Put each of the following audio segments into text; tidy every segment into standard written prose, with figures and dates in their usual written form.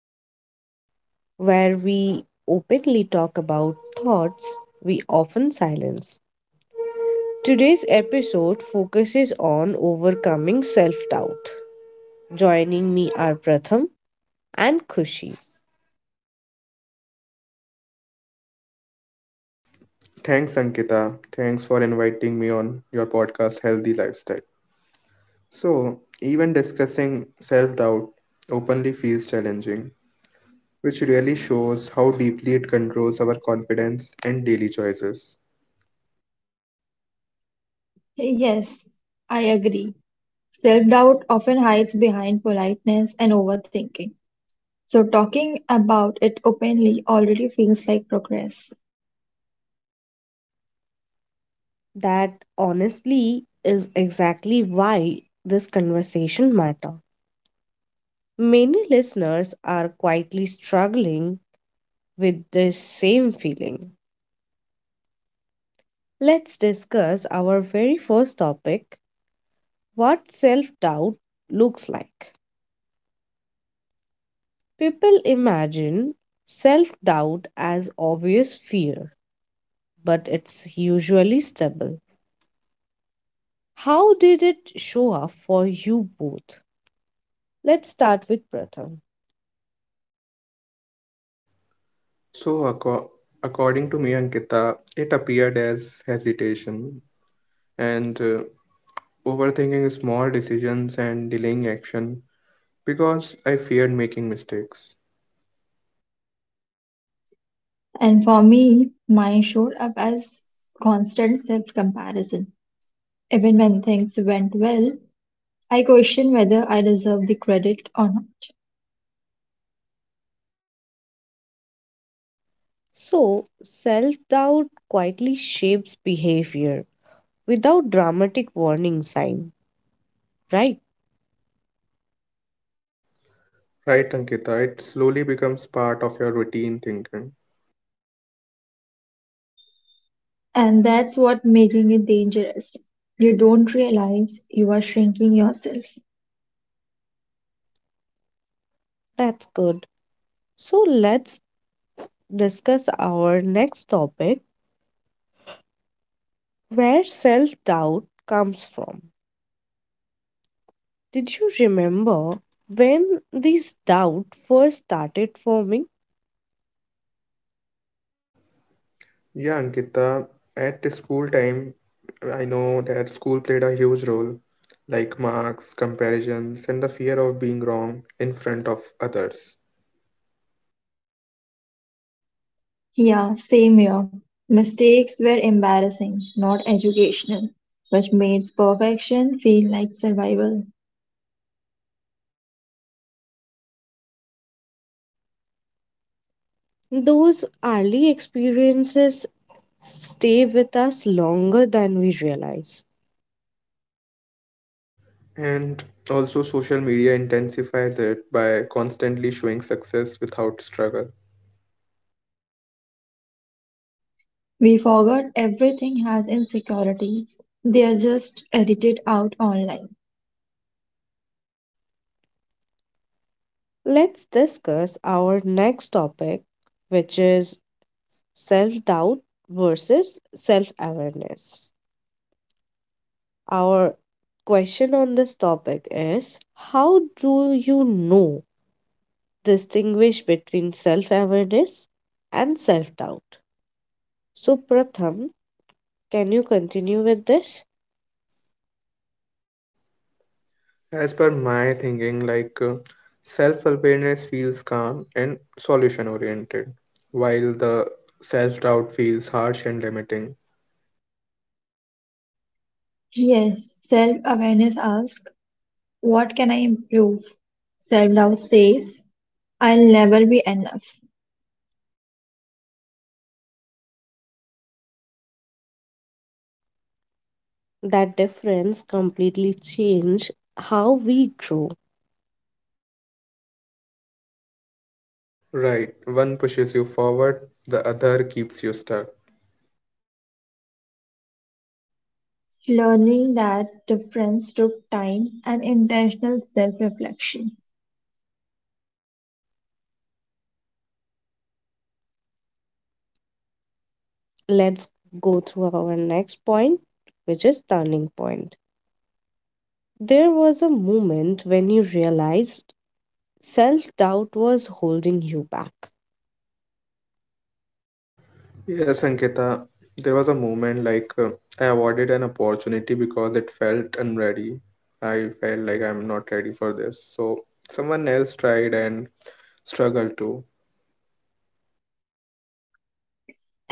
Lifestyle, where we openly talk about thoughts we often silence. Today's episode focuses on overcoming self doubt. Joining me are Pratham and Khushi. Thanks, Ankita. Thanks for inviting me on your podcast, Healthy Lifestyle. So, even discussing self doubt openly feels challenging, which really shows how deeply it controls our confidence and daily choices. Yes, I agree. Self-doubt often hides behind politeness and overthinking. So talking about it openly already feels like progress. That honestly is exactly why this conversation matters. Many listeners are quietly struggling with this same feeling. Let's discuss our very first topic, what self doubt looks like. People imagine self doubt as obvious fear, but it's usually stubble. How did it show up for you both? Let's start with Pratham. So, acco- According to me, Ankita, it appeared as hesitation and overthinking small decisions and delaying action because I feared making mistakes. And for me, mine showed up as constant self-comparison. Even when things went well, I questioned whether I deserve the credit or not. So, self doubt quietly shapes behavior without dramatic warning sign, right? Right, Ankita, it slowly becomes part of your routine thinking. And that's what making it dangerous. You don't realize you are shrinking yourself. That's good. So, let's discuss our next topic, where self doubt comes from. Did you remember when these doubts first started forming? Yeah, Ankita, at the school time, I know that school played a huge role, like marks, comparisons, and the fear of being wrong in front of others. Yeah, same here. Mistakes were embarrassing, not educational, which made perfection feel like survival. Those early experiences stay with us longer than we realize. And also, social media intensifies it by constantly showing success without struggle. We forgot everything has insecurities. They are just edited out online. Let's discuss our next topic, which is self doubt versus self awareness. Our question on this topic is, how do you know distinguish between self awareness and self doubt? So, Pratham, can you continue with this? As per my thinking, self-awareness feels calm and solution-oriented, while the self-doubt feels harsh and limiting. Yes, self awareness asks, what can I improve? Self doubt says, I'll never be enough. That difference completely changed how we grow. Right, one pushes you forward, the other keeps you stuck. Learning that difference took time and intentional self reflection. Let's go through our next point, which is turning point. There was a moment when you realized self doubt was holding you back. Yes, Ankita, there was a moment I avoided an opportunity because it felt unready. I felt like I'm not ready for this. So someone else tried and struggled too.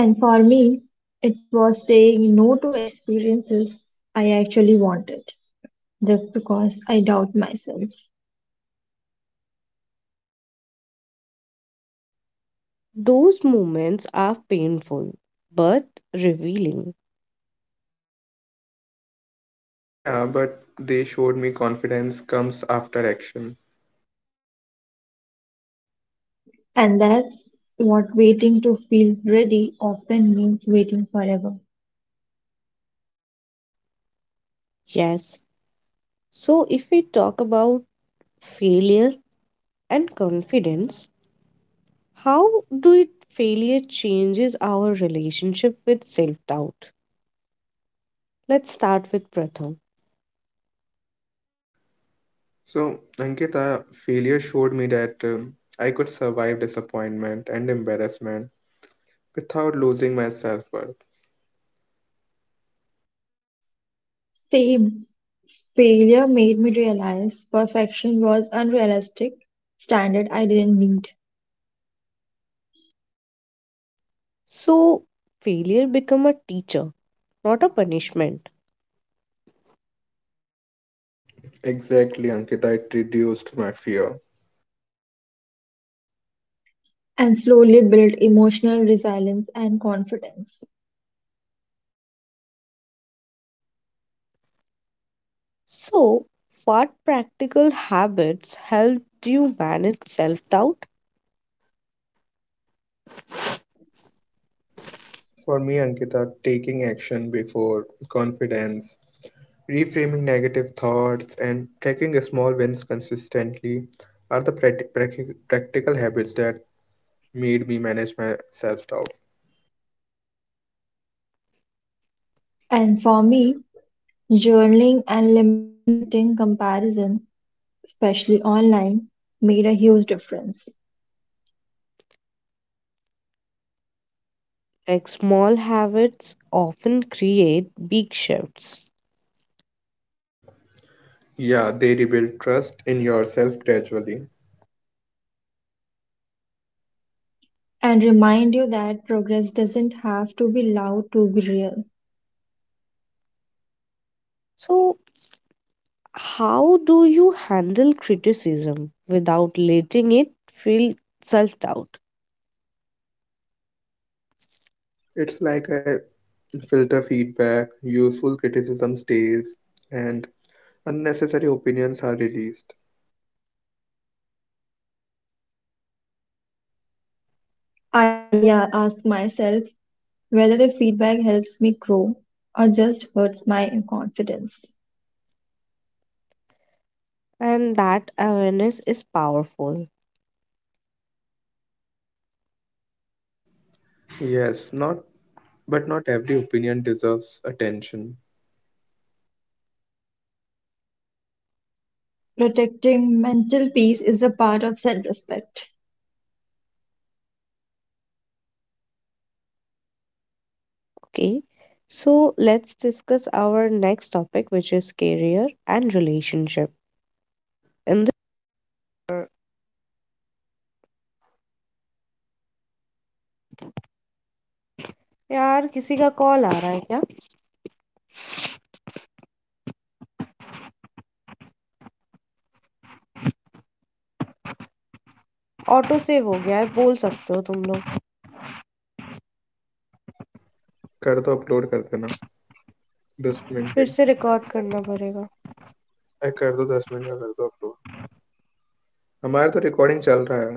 And for me, it was saying no to experiences I actually wanted just because I doubt myself. Those moments are painful but revealing. Yeah, but they showed me confidence comes after action. And that's what waiting to feel ready often means waiting forever. Yes. So, if we talk about failure and confidence, how do it failure changes our relationship with self-doubt? Let's start with Pratham. So, Ankita, failure showed me that I could survive disappointment and embarrassment without losing my self worth. Same failure made me realize perfection was unrealistic standard I didn't need So failure become a teacher, not a punishment. Exactly, Ankita, it reduced my fear. and slowly built emotional resilience and confidence. So what practical habits helped you manage self-doubt? For me, Ankita, taking action before confidence, reframing negative thoughts, and tracking small wins consistently are the practical habits that made me manage my self doubt. And for me, journaling and limiting comparison especially online, made a huge difference Like small habits often create big shifts. Yeah, they rebuild trust in yourself gradually. and remind you that progress doesn't have to be loud to be real. So how do you handle criticism without letting it feel self-doubt? It's like a filter feedback, useful criticism stays, and unnecessary opinions are released. I ask myself whether the feedback helps me grow or just hurts my confidence. And that awareness is powerful. Yes, not Not every opinion deserves attention. Protecting mental peace is a part of self respect. Okay, so let's discuss our next topic, which is career and relationship. कर दो upload कर देना दस minute गए। अरे कर दो, दस मिनट का कर दो अपलोड। हमारा तो रिकॉर्डिंग चल रहा है।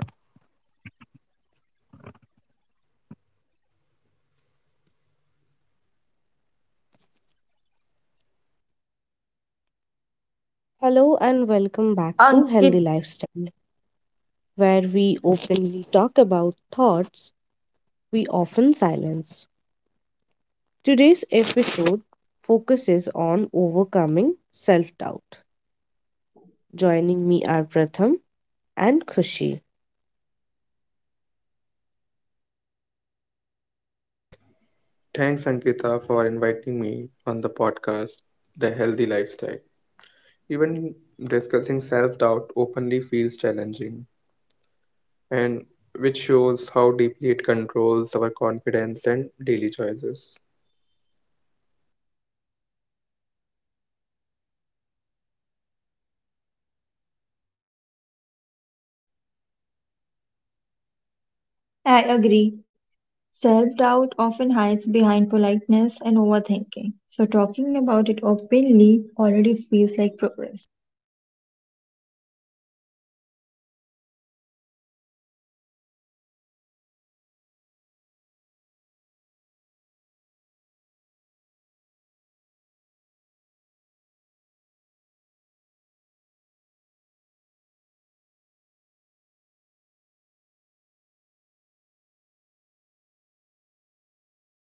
Hello and welcome back to Ankit, Healthy Lifestyle, where we openly talk about thoughts we often silence. Today's episode focuses on overcoming self doubt. Joining me are Pratham and Khushi. Thanks Ankita for inviting me on the podcast the healthy lifestyle. Even discussing self doubt openly feels challenging and which shows how deeply it controls our confidence and daily choices. I agree. Self doubt often hides behind politeness and overthinking. So, talking about it openly already feels like progress.